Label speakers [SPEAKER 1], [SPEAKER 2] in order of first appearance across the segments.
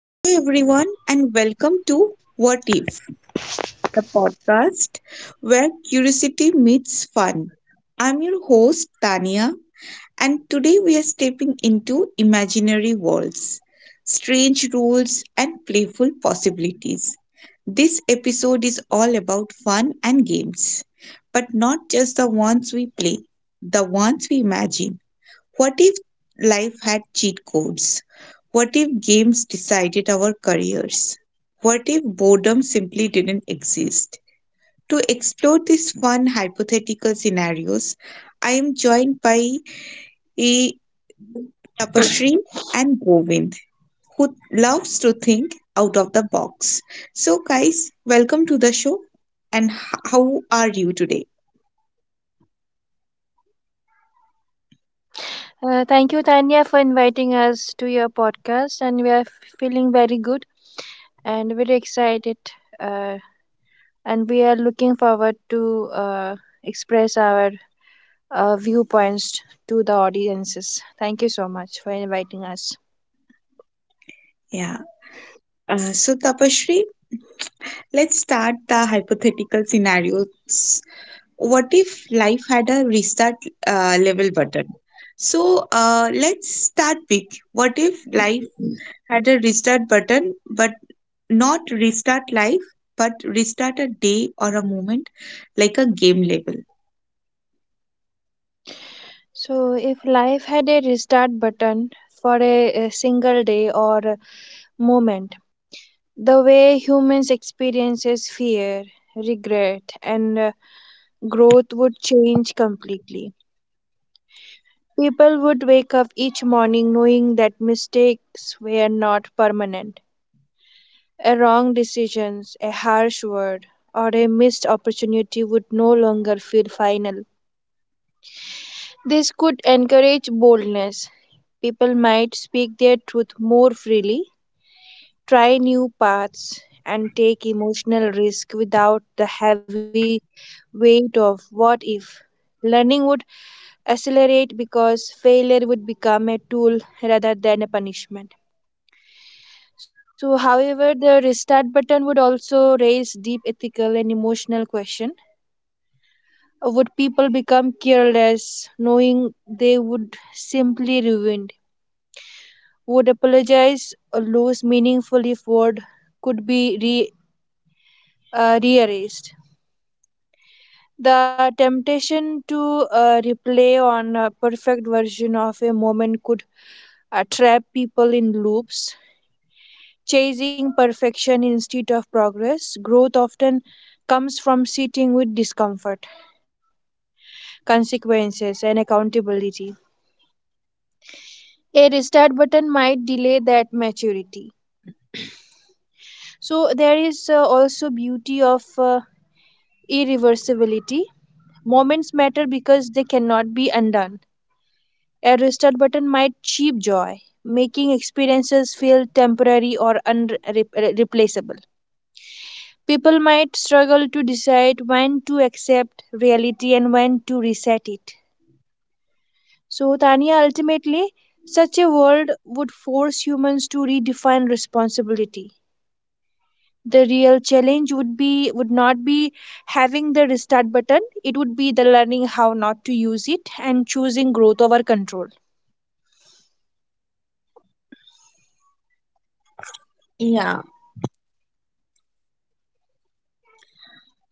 [SPEAKER 1] Hello, everyone, and welcome to What If, the podcast where curiosity meets fun. I'm your host, Tania, and today we are stepping into imaginary worlds, strange rules, and playful possibilities. This episode is all about fun and games, but not just the ones we play, the ones we imagine. What if life had cheat codes? What if games decided our careers? What if boredom simply didn't exist? To explore these fun hypothetical scenarios, I am joined by eh, Tapashri and Govind, who loves to think out of the box. So, guys, welcome to the show. And how are you today?
[SPEAKER 2] Thank you, Tanya, for inviting us to your podcast. And we are feeling very good and very excited. Uh, and we are looking forward to uh, express our viewpoints to the audiences. Thank you so much for inviting us.
[SPEAKER 1] Yeah. So, Tapashri, let's start the hypothetical scenarios. What if life had a restart level button? So, let's start big. What if life had a restart button, but not restart life, but restart a day or a moment like a game level?
[SPEAKER 2] So, if life had a restart button for a single day or a moment, the way humans experiences fear, regret, and growth would change completely. People would wake up each morning knowing that mistakes were not permanent. A wrong decision, a harsh word, or a missed opportunity would no longer feel final. This could encourage boldness. People might speak their truth more freely, try new paths, and take emotional risk without the heavy weight of what if. Learning would accelerate because failure would become a tool rather than a punishment. So, however, the restart button would also raise deep ethical and emotional question. Would people become careless, knowing they would simply ruined? Would apologize or lose meaningful if word could be rearranged? The temptation to replay on a perfect version of a moment could trap people in loops. Chasing perfection instead of progress, growth often comes from sitting with discomfort, consequences, and accountability. A restart button might delay that maturity. So, there is also beauty of irreversibility. Moments matter because they cannot be undone. A restart button might cheap joy, making experiences feel temporary or unreplaceable. People might struggle to decide when to accept reality and when to reset it. So, Tanya, ultimately, such a world would force humans to redefine responsibility. The real challenge would be would not be having the restart button. It would be the learning how not to use it and choosing growth over control.
[SPEAKER 1] Yeah.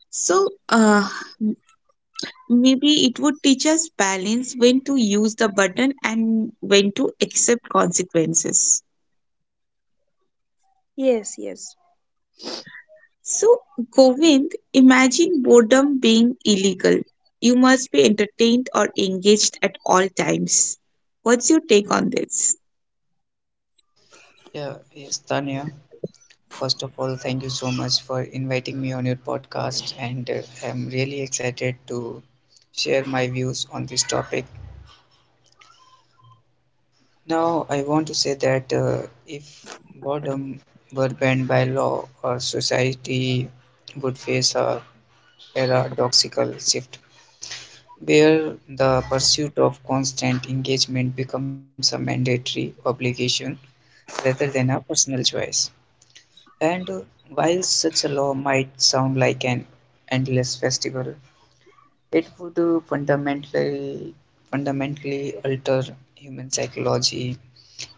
[SPEAKER 1] So m- maybe it would teach us balance, when to use the button and when to accept consequences.
[SPEAKER 2] Yes, yes.
[SPEAKER 1] So, Govind, imagine boredom being illegal. You must be entertained or engaged at all times. What's your take on this?
[SPEAKER 3] Yeah, yes, Tanya. First of all, thank you so much for inviting me on your podcast, and I'm really excited to share my views on this topic. Now, I want to say that if boredom were banned by law, our society would face a paradoxical shift where the pursuit of constant engagement becomes a mandatory obligation rather than a personal choice. And while such a law might sound like an endless festival, it would fundamentally alter human psychology,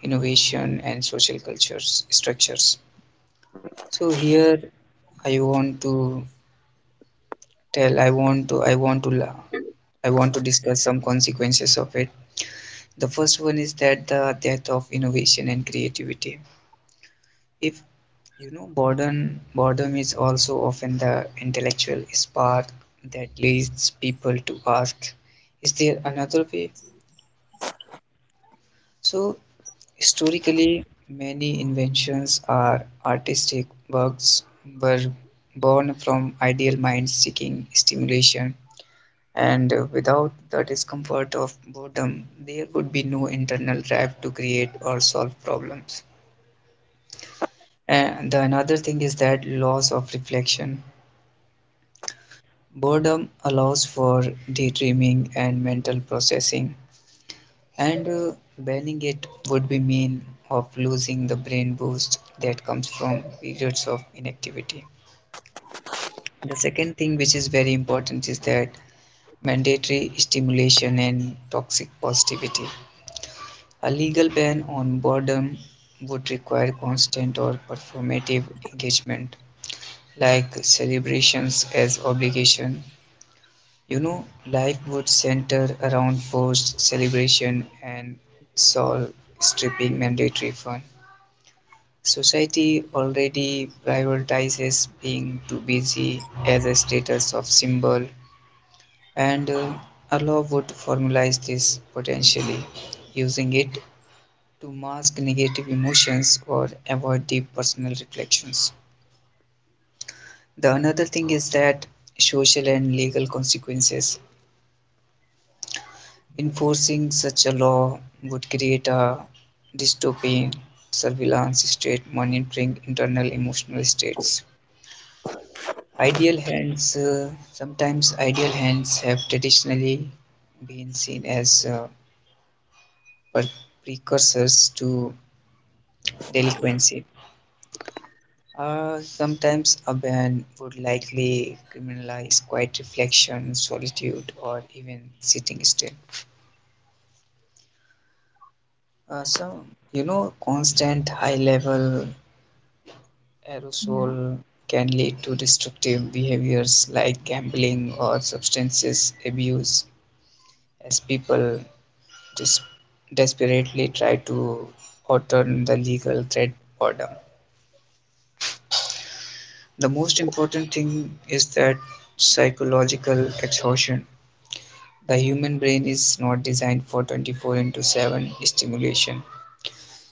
[SPEAKER 3] innovation, and social cultures structures. So here I want to tell, I want to, la- I want to discuss some consequences of it. The first one is that the death of innovation and creativity. If you know, boredom is also often the intellectual spark that leads people to ask, is there another way? So, historically, many inventions or artistic works were born from ideal minds seeking stimulation, and without the discomfort of boredom, there would be no internal drive to create or solve problems. And the another thing is that loss of reflection. Boredom allows for daydreaming and mental processing, and banning it would be mean of losing the brain boost that comes from periods of inactivity. The second thing which is very important is that mandatory stimulation and toxic positivity. A legal ban on boredom would require constant or performative engagement like celebrations as obligation. You know, life would center around forced celebration and soul stripping mandatory fun. Society already prioritizes being too busy as a status of symbol, and a law would formalize this potentially, using it to mask negative emotions or avoid deep personal reflections. The another thing is that social and legal consequences. Enforcing such a law would create a dystopian surveillance state monitoring internal emotional states. Ideal hands, sometimes ideal hands have traditionally been seen as per- precursors to delinquency. Sometimes a ban would likely criminalize quiet reflection, solitude, or even sitting still. So, you know, constant high level aerosol can lead to destructive behaviors like gambling or substance abuse as people des- desperately try to outrun the legal threat boredom. The most important thing is that psychological exhaustion. The human brain is not designed for 24 into 7 stimulation.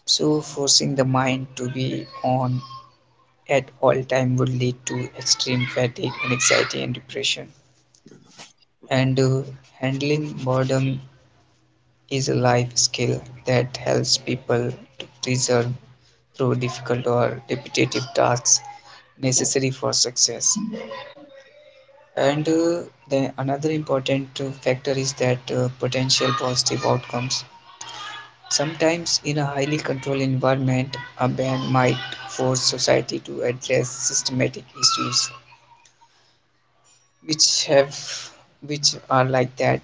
[SPEAKER 3] So forcing the mind to be on at all time would lead to extreme fatigue and anxiety and depression. And handling boredom is a life skill that helps people to persevere through difficult or repetitive tasks necessary for success. And the another important factor is that potential positive outcomes. Sometimes, in a highly controlled environment, a ban might force society to address systematic issues which have which are like that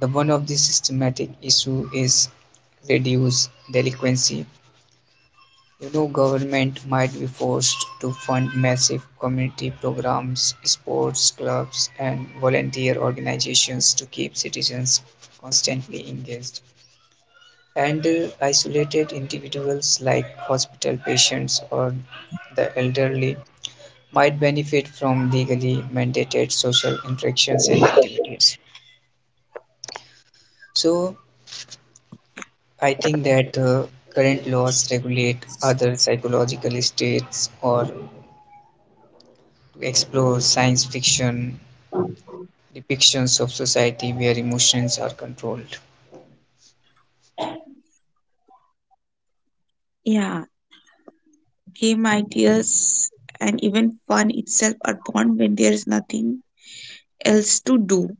[SPEAKER 3] the one of the systematic issue is reduced delinquency. You know, government might be forced to fund massive community programs, sports clubs, and volunteer organizations to keep citizens constantly engaged, and isolated individuals like hospital patients or the elderly might benefit from legally mandated social interactions and activities. So I think that current laws regulate other psychological states or explore science fiction depictions of society where emotions are controlled.
[SPEAKER 1] Yeah, game ideas and even fun itself are born when there's nothing else to do.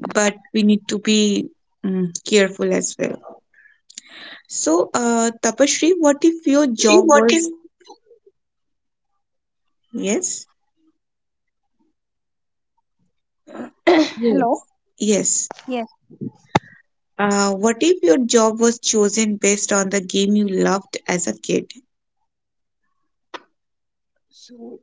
[SPEAKER 1] But we need to be careful as well. So, Tapashri, what if your
[SPEAKER 2] See,
[SPEAKER 1] job
[SPEAKER 2] what can
[SPEAKER 1] was, yes, yes,
[SPEAKER 2] Hello.
[SPEAKER 1] yes.
[SPEAKER 2] Yes.
[SPEAKER 1] What if your job was chosen based on the game you loved as a kid?
[SPEAKER 2] So,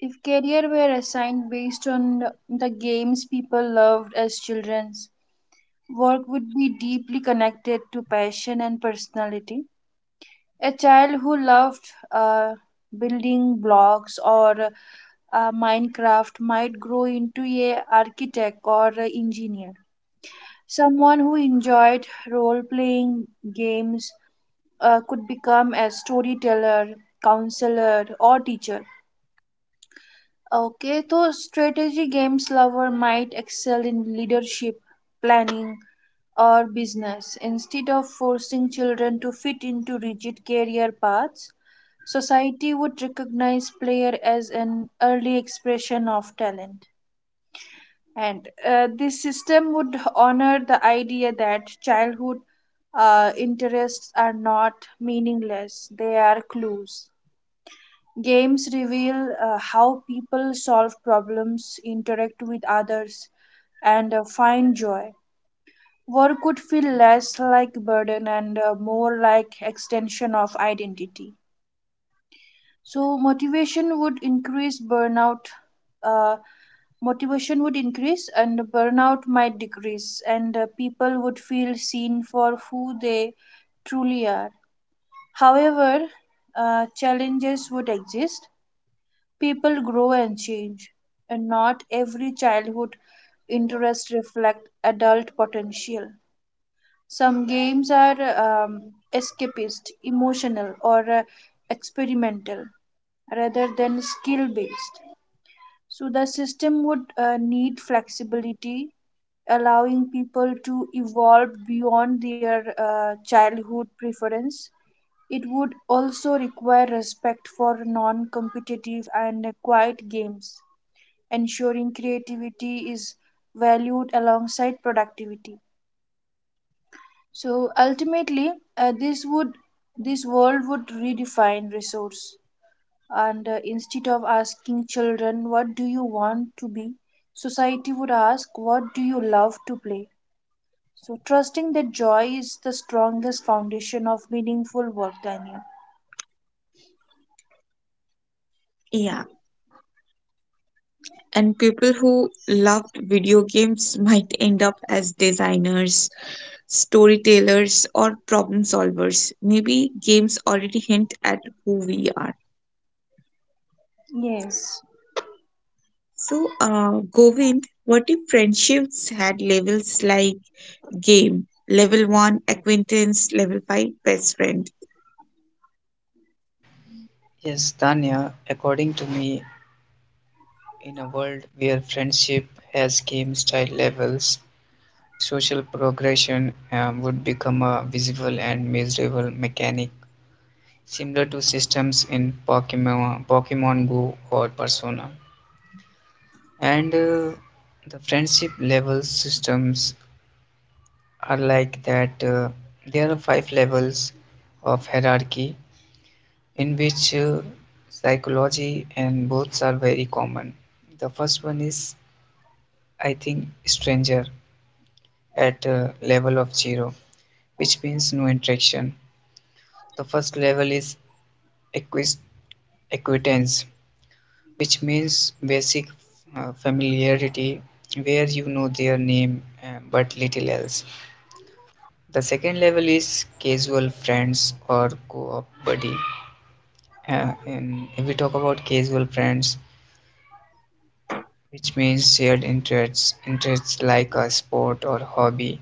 [SPEAKER 2] if career were assigned based on the games people loved as children, work would be deeply connected to passion and personality. A child who loved building blocks or Minecraft might grow into a architect or a engineer. Someone who enjoyed role-playing games could become a storyteller, counselor, or teacher. Okay, so strategy games lover might excel in leadership, planning, or business. Instead of forcing children to fit into rigid career paths, society would recognize player as an early expression of talent. And this system would honor the idea that childhood interests are not meaningless, they are clues. Games reveal how people solve problems, interact with others, and find joy. Work could feel less like burden and more like extension of identity. So motivation would increase burnout. Uh, Motivation would increase and burnout might decrease and people would feel seen for who they truly are. However, challenges would exist. People grow and change, and not every childhood interest reflect adult potential. Some games are escapist, emotional, or experimental rather than skill based. So the system would need flexibility, allowing people to evolve beyond their childhood preference. It would also require respect for non competitive and quiet games, ensuring creativity is valued alongside productivity. So ultimately, uh, this would this world would redefine resource and instead of asking children what do you want to be, society would ask what do you love to play, so trusting that joy is the strongest foundation of meaningful work, daniel.
[SPEAKER 1] Yeah. And people who loved video games might end up as designers, storytellers, or problem solvers. Maybe games already hint at who we are.
[SPEAKER 2] Yes.
[SPEAKER 1] So, Govind, what if friendships had levels, like Game Level 1 Acquaintance, Level 5 Best Friend?
[SPEAKER 3] Yes, Tanya, according to me, in a world where friendship has game style levels, social progression would become a visible and measurable mechanic similar to systems in Pokemon, Pokemon Go or Persona. And the friendship level systems are like that there are 5 levels of hierarchy in which psychology and boths are very common. The first one is I think stranger at level of 0, which means no interaction. The first level is acquis- acquaintance, which means basic familiarity where you know their name but little else. The second level is casual friends or co-op buddy. And if we talk about casual friends, which means shared interests like a sport or hobby.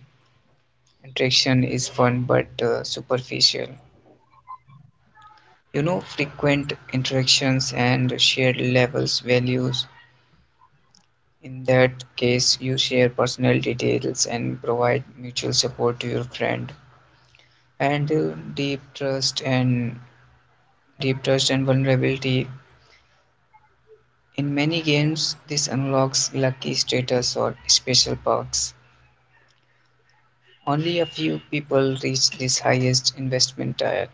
[SPEAKER 3] Interaction is fun but superficial. You know, frequent interactions and shared levels values. In that case, you share personal details and provide mutual support to your friend. And deep trust and vulnerability. In many games, this unlocks lucky status or special perks. Only a few people reach this highest investment tier.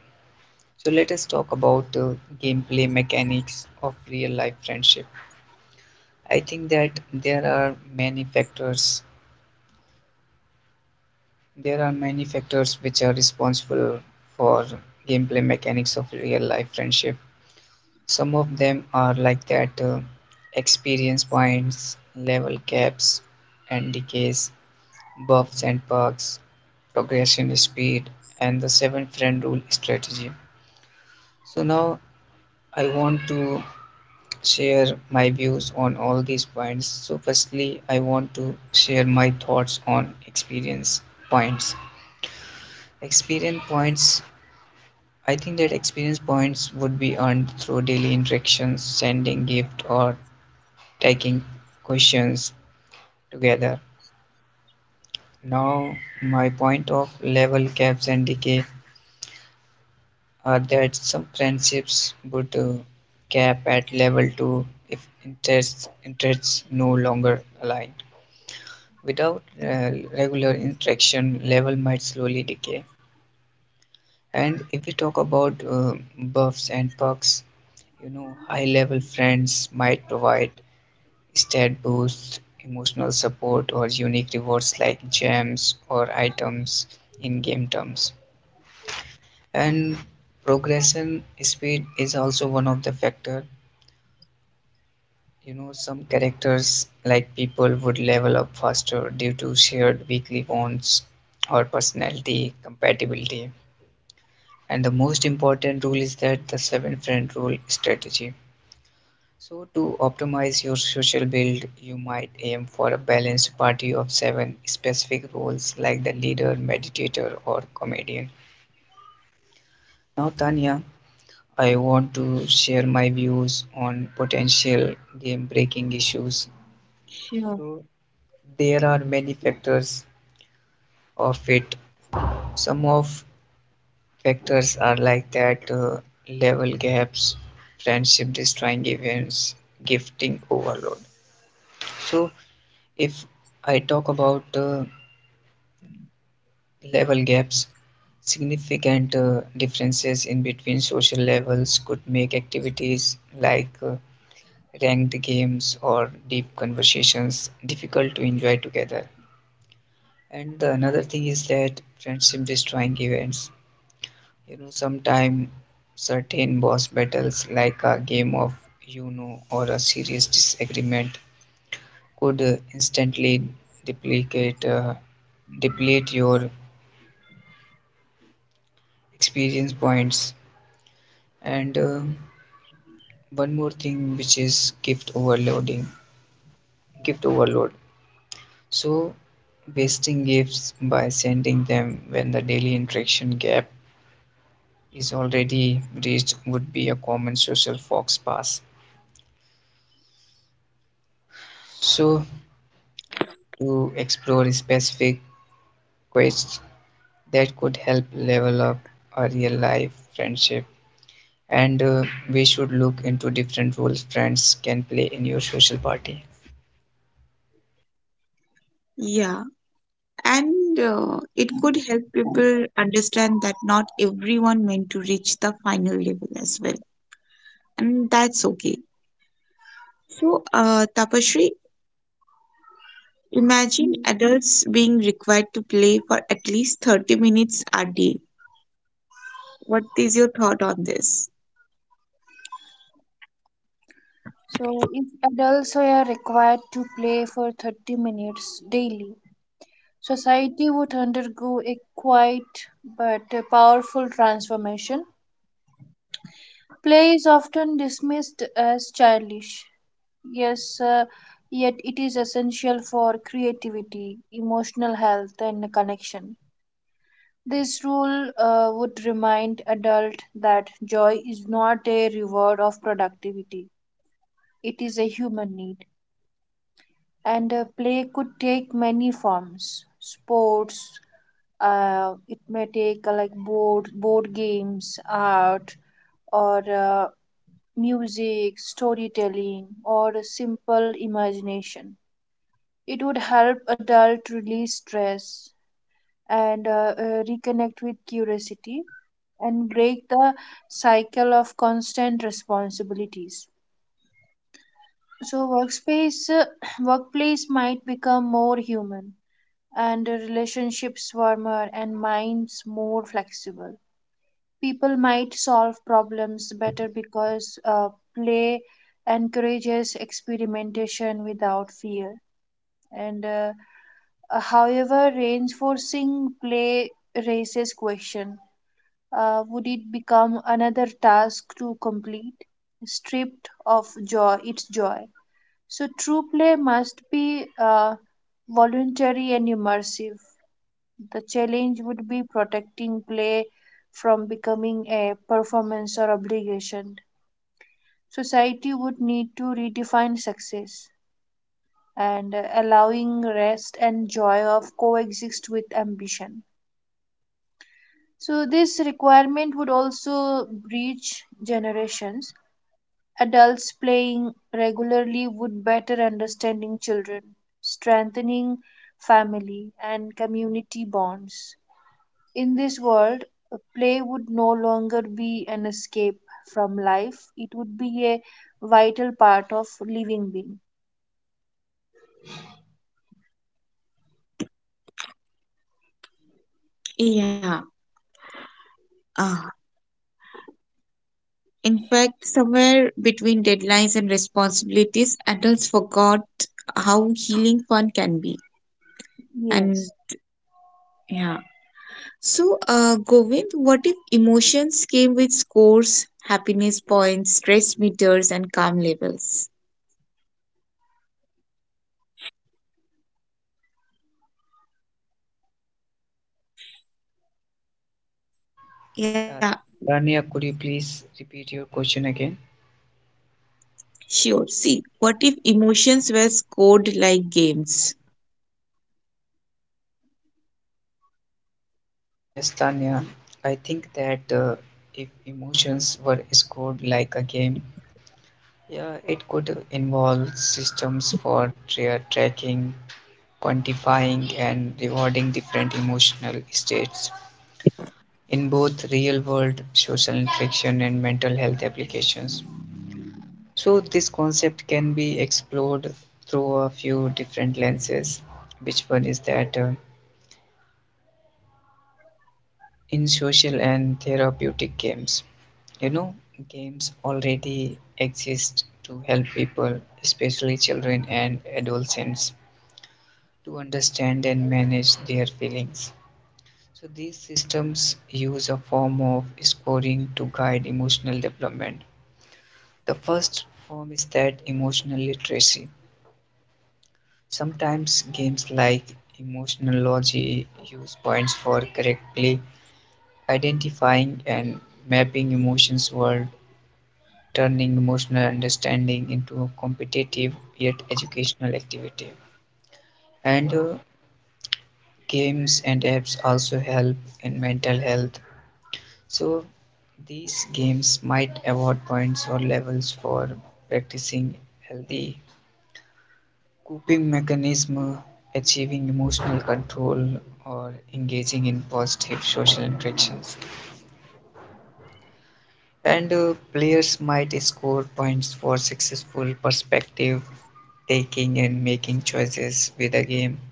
[SPEAKER 3] So let us talk about the gameplay mechanics of real life friendship. I think that many factors there are many factors which are responsible for gameplay mechanics of real life friendship. Some of them are like that experience points, level caps, and decays, buffs and perks, progression speed, and the 7 friend rule strategy. So now I want to share my views on all these points. So firstly, I want to share my thoughts on experience points. Experience points, I think that experience points would be earned through daily interactions, sending gift or taking questions together. Now my point of level caps and decay, that some friendships would cap at level 2 if interests no longer align. Without regular interaction, level might slowly decay. And if we talk about buffs and perks, you know, high level friends might provide stat boosts, emotional support, or unique rewards like gems or items in game terms. And progression speed is also one of the factor. You know, some characters, like people, would level up faster due to shared weekly bonds or personality compatibility. And the most important rule is that the 7 friend rule strategy. So, to optimize your social build, you might aim for a balanced party of 7 specific roles like the leader, meditator, or comedian. Now, Tanya, I want to share my views on potential game breaking issues.
[SPEAKER 1] Sure.
[SPEAKER 3] So, there are many factors of it. Some of factors are like that level gaps, friendship destroying events, gifting overload. So if I talk about level gaps, significant differences in between social levels could make activities like ranked games or deep conversations difficult to enjoy together. And the another thing is that friendship destroying events. You know, sometimes certain boss battles, like a game of you know or a serious disagreement, could instantly duplicate, uh, deplete your experience points. And one more thing, which is gift overload. So, wasting gifts by sending them when the daily interaction gap is already reached would be a common social fox pass. So, to explore specific quests that could help level up a real life friendship. And we should look into different roles friends can play in your social party.
[SPEAKER 1] Yeah, and it could help people understand that not everyone meant to reach the final level as well, and that's okay. So, Tapashri, imagine adults being required to play for at least 30 minutes a day. What is your thought on this?
[SPEAKER 2] So if adults were required to play for 30 minutes daily, society would undergo a quiet but a powerful transformation. Play is often dismissed as childish. Yes, yet it is essential for creativity, emotional health, and connection. This rule would remind adult that joy is not a reward of productivity. It is a human need, and play could take many forms. Sports, it may take like board games, art, or music, storytelling, or a simple imagination. It would help adult release stress and reconnect with curiosity and break the cycle of constant responsibilities. So workspace workplace might become more human and the relationships warmer and minds more flexible. People might solve problems better because play encourages experimentation without fear and however reinforcing play raises question, would it become another task to complete stripped of joy, so true play must be voluntary and immersive. The challenge would be protecting play from becoming a performance or obligation. Society would need to redefine success and allowing rest and joy of coexist with ambition. So this requirement would also breach generations. Adults playing regularly would better understanding children, strengthening family and community bonds. In this world, a play would no longer be an escape from life, it would be a vital part of living being.
[SPEAKER 1] Yeah. Uh, in fact, somewhere between deadlines and responsibilities, adults forgot how healing fun can be. And
[SPEAKER 2] Yes.
[SPEAKER 1] yeah. So, Govind, what if emotions came with scores, happiness points, stress meters, and calm levels? Yeah,
[SPEAKER 3] Uh, Tanya, could you please repeat your question again?
[SPEAKER 1] sure. See, what if emotions were scored like games?
[SPEAKER 3] Yes, Tanya, I think that if emotions were scored like a game, yeah, it could involve systems for tracking, quantifying, and rewarding different emotional states in both real-world social interaction and mental health applications. So this concept can be explored through a few different lenses. Which one is that in social and therapeutic games, you know, games already exist to help people, especially children and adolescents, to understand and manage their feelings. So these systems use a form of scoring to guide emotional development. The first form is that emotional literacy. Sometimes games like Emotional Emotionology use points for correctly identifying and mapping emotions while turning emotional understanding into a competitive yet educational activity. And games and apps also help in mental health. So these games might award points or levels for practicing healthy coping mechanism, achieving emotional control or engaging in positive social interactions. And players might score points for successful perspective taking and making choices with the game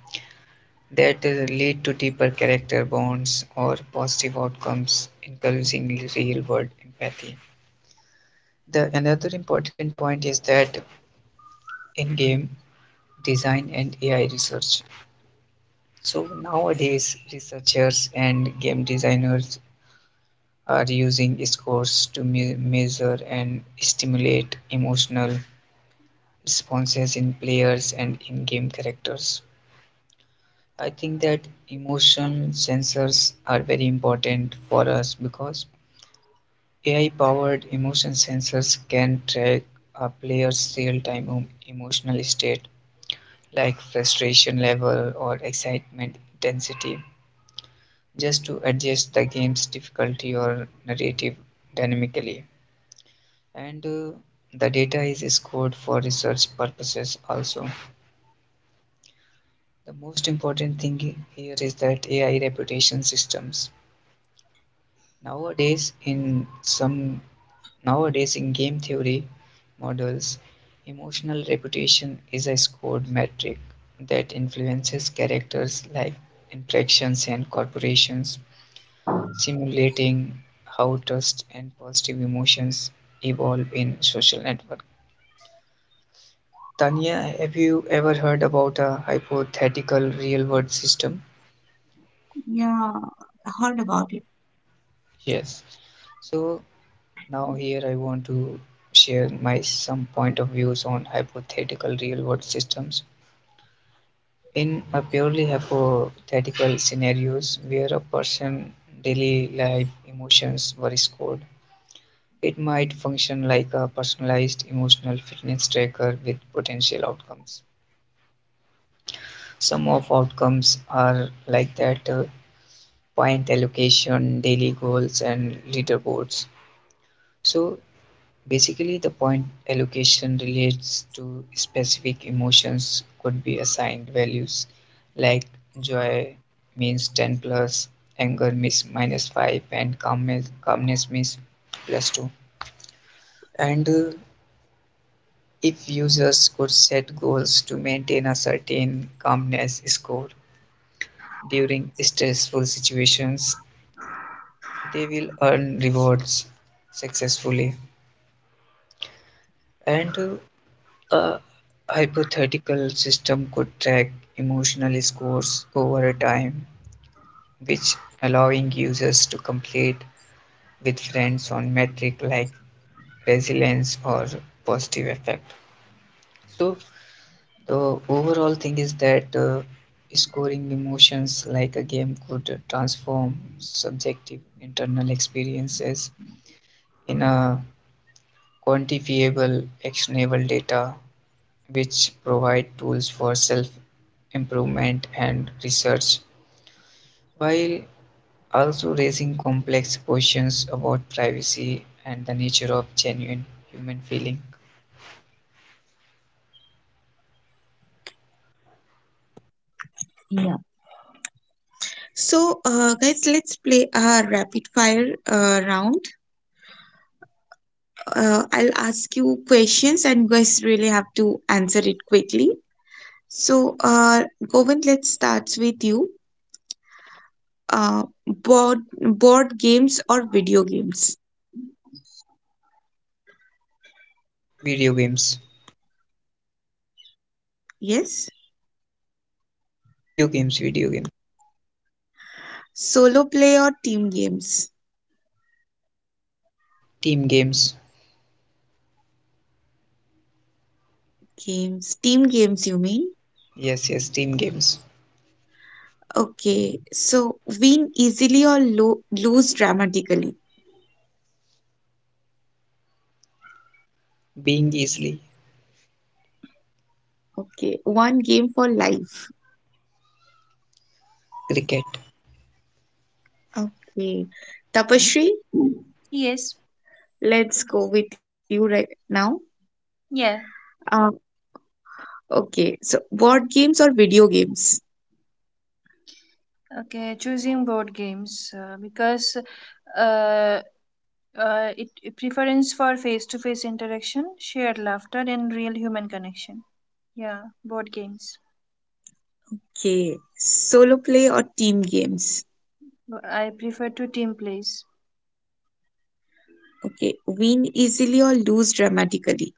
[SPEAKER 3] that lead to deeper character bonds or positive outcomes, encouraging real-world empathy. The another important point is that in-game design and AI research. So nowadays, researchers and game designers are using scores to measure and stimulate emotional responses in players and in game characters. I think that emotion sensors are very important for us because AI powered emotion sensors can track a player's real time emotional state like frustration level or excitement intensity just to adjust the game's difficulty or narrative dynamically. And the data is scored for research purposes also. The most important thing here is that AI reputation systems. Nowadays in some Nowadays in game theory models, emotional reputation is a scored metric that influences characters' life interactions and corporations simulating how trust and positive emotions evolve in social network. Tanya, have you ever heard about a hypothetical real world system?
[SPEAKER 1] Yeah, I heard about it.
[SPEAKER 3] Yes. So now here I want to share my some point of views on hypothetical real world systems. In a purely hypothetical scenarios where a person daily life emotions were scored, it might function like a personalized emotional fitness tracker with potential outcomes. Some of outcomes are like that point allocation, daily goals, and leaderboards. So basically, the point allocation relates to specific emotions, could be assigned values like joy means 10 plus, anger means minus 5, and calmness means plus 2. And if users could set goals to maintain a certain calmness score during stressful situations, they will earn rewards successfully. And a hypothetical system could track emotional scores over time, which allowing users to complete with friends on metric like resilience or positive effect. So the overall thing is that scoring emotions like a game could transform subjective internal experiences in a quantifiable, actionable data which provide tools for self improvement and research, while also raising complex questions about privacy and the nature of genuine human feeling.
[SPEAKER 1] Yeah. So, guys, let's play a rapid fire round. I'll ask you questions, and you guys really have to answer it quickly. So, Govind, let's start with you. Board games or video games?
[SPEAKER 3] Video games,
[SPEAKER 1] Yes.
[SPEAKER 3] Video games,
[SPEAKER 1] Solo play or team games?
[SPEAKER 3] team games.
[SPEAKER 1] Games. Team games, you mean?
[SPEAKER 3] Yes, yes, team games.
[SPEAKER 1] Okay. So, win easily or lo lose dramatically?
[SPEAKER 3] Being easily.
[SPEAKER 1] Okay. One game for life?
[SPEAKER 3] Cricket.
[SPEAKER 1] Okay. Tapashri,
[SPEAKER 2] Yes,
[SPEAKER 1] let's go with you right now.
[SPEAKER 2] yeah,
[SPEAKER 1] Uh, okay, so board games or video games?
[SPEAKER 2] okay. Choosing board games because uh, it preference for face-to-face interaction, shared laughter, and real human connection. Yeah, board games.
[SPEAKER 1] Okay, solo play or team games?
[SPEAKER 2] B- I prefer to team plays.
[SPEAKER 1] Okay, win easily or lose dramatically?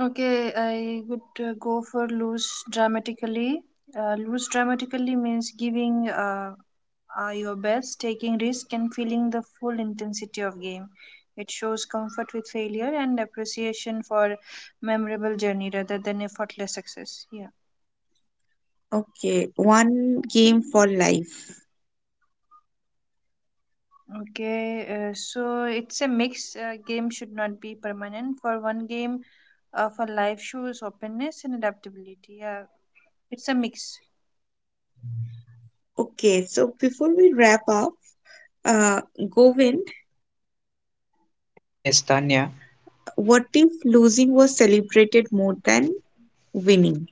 [SPEAKER 2] Okay, I would go for lose dramatically. Loose dramatically means giving your best, taking risk, and feeling the full intensity of game. It shows comfort with failure and appreciation for memorable journey rather than effortless success. Yeah.
[SPEAKER 1] Okay, one game for life?
[SPEAKER 2] Okay. So it's a mix. Game should not be permanent. For one game, for life shows openness and adaptability. Yeah. It's a mix.
[SPEAKER 1] Okay, so before we wrap up, uh, Govind,
[SPEAKER 3] Yes, Tanya.
[SPEAKER 1] what if losing was celebrated more than winning?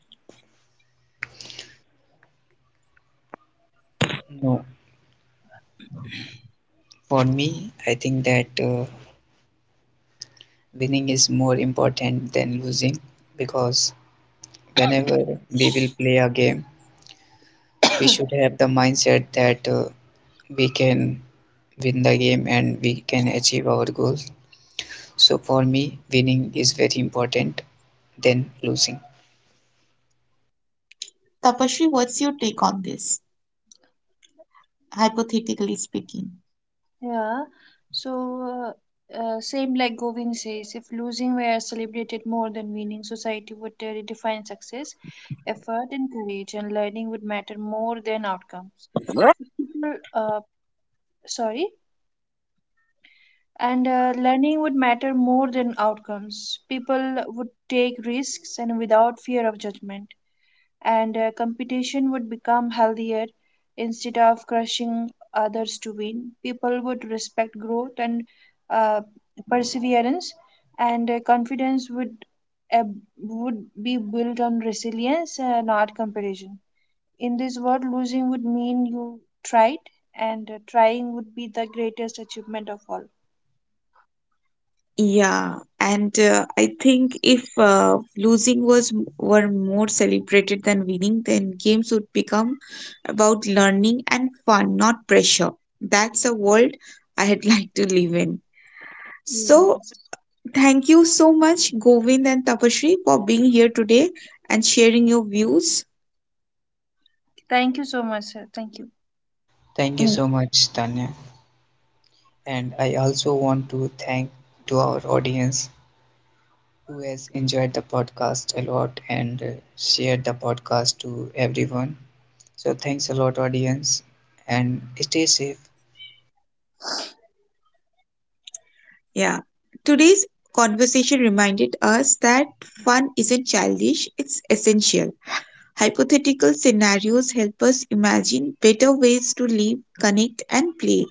[SPEAKER 3] No, for me, I think that winning is more important than losing because whenever we will play a game, we should have the mindset that we can win the game and we can achieve our goals. So for me, winning is very important than losing.
[SPEAKER 1] Tapashri, what's your take on this, hypothetically speaking?
[SPEAKER 2] Yeah, so same like Govind says, if losing were celebrated more than winning, society would redefine success, effort, and courage, and learning would matter more than outcomes. So people, sorry, and learning would matter more than outcomes. People would take risks and without fear of judgment and competition would become healthier instead of crushing others to win. People would respect growth and uh, perseverance, and confidence uh, would be built on resilience, not competition. In this world, losing would mean you tried, and trying would be the greatest achievement of all.
[SPEAKER 1] Yeah, and I think if were more celebrated than winning, then games would become about learning and fun, not pressure. That's a world I'd like to live in.
[SPEAKER 2] Yes.
[SPEAKER 1] So, thank you so much, Govind and Tapashri, for being here today and sharing your views.
[SPEAKER 2] Thank you so much, sir. Thank you.
[SPEAKER 3] Thank you
[SPEAKER 1] Mm.
[SPEAKER 3] so much, Tanya. And I also want to thank to our audience who has enjoyed the podcast a lot and shared the podcast to everyone. So, thanks a lot, audience, and stay safe.
[SPEAKER 1] Yeah, today's conversation reminded us that fun isn't childish; it's essential. Hypothetical scenarios help us imagine better ways to live, connect, and play.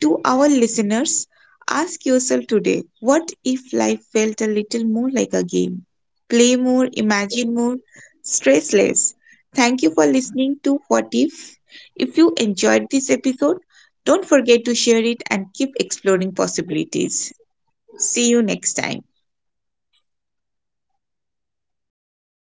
[SPEAKER 1] To our listeners, ask yourself today, what if life felt a little more like a game? Play more, imagine more, stress less. Thank you for listening to What If. If you enjoyed this episode, don't forget to share it and keep exploring possibilities. See you next time.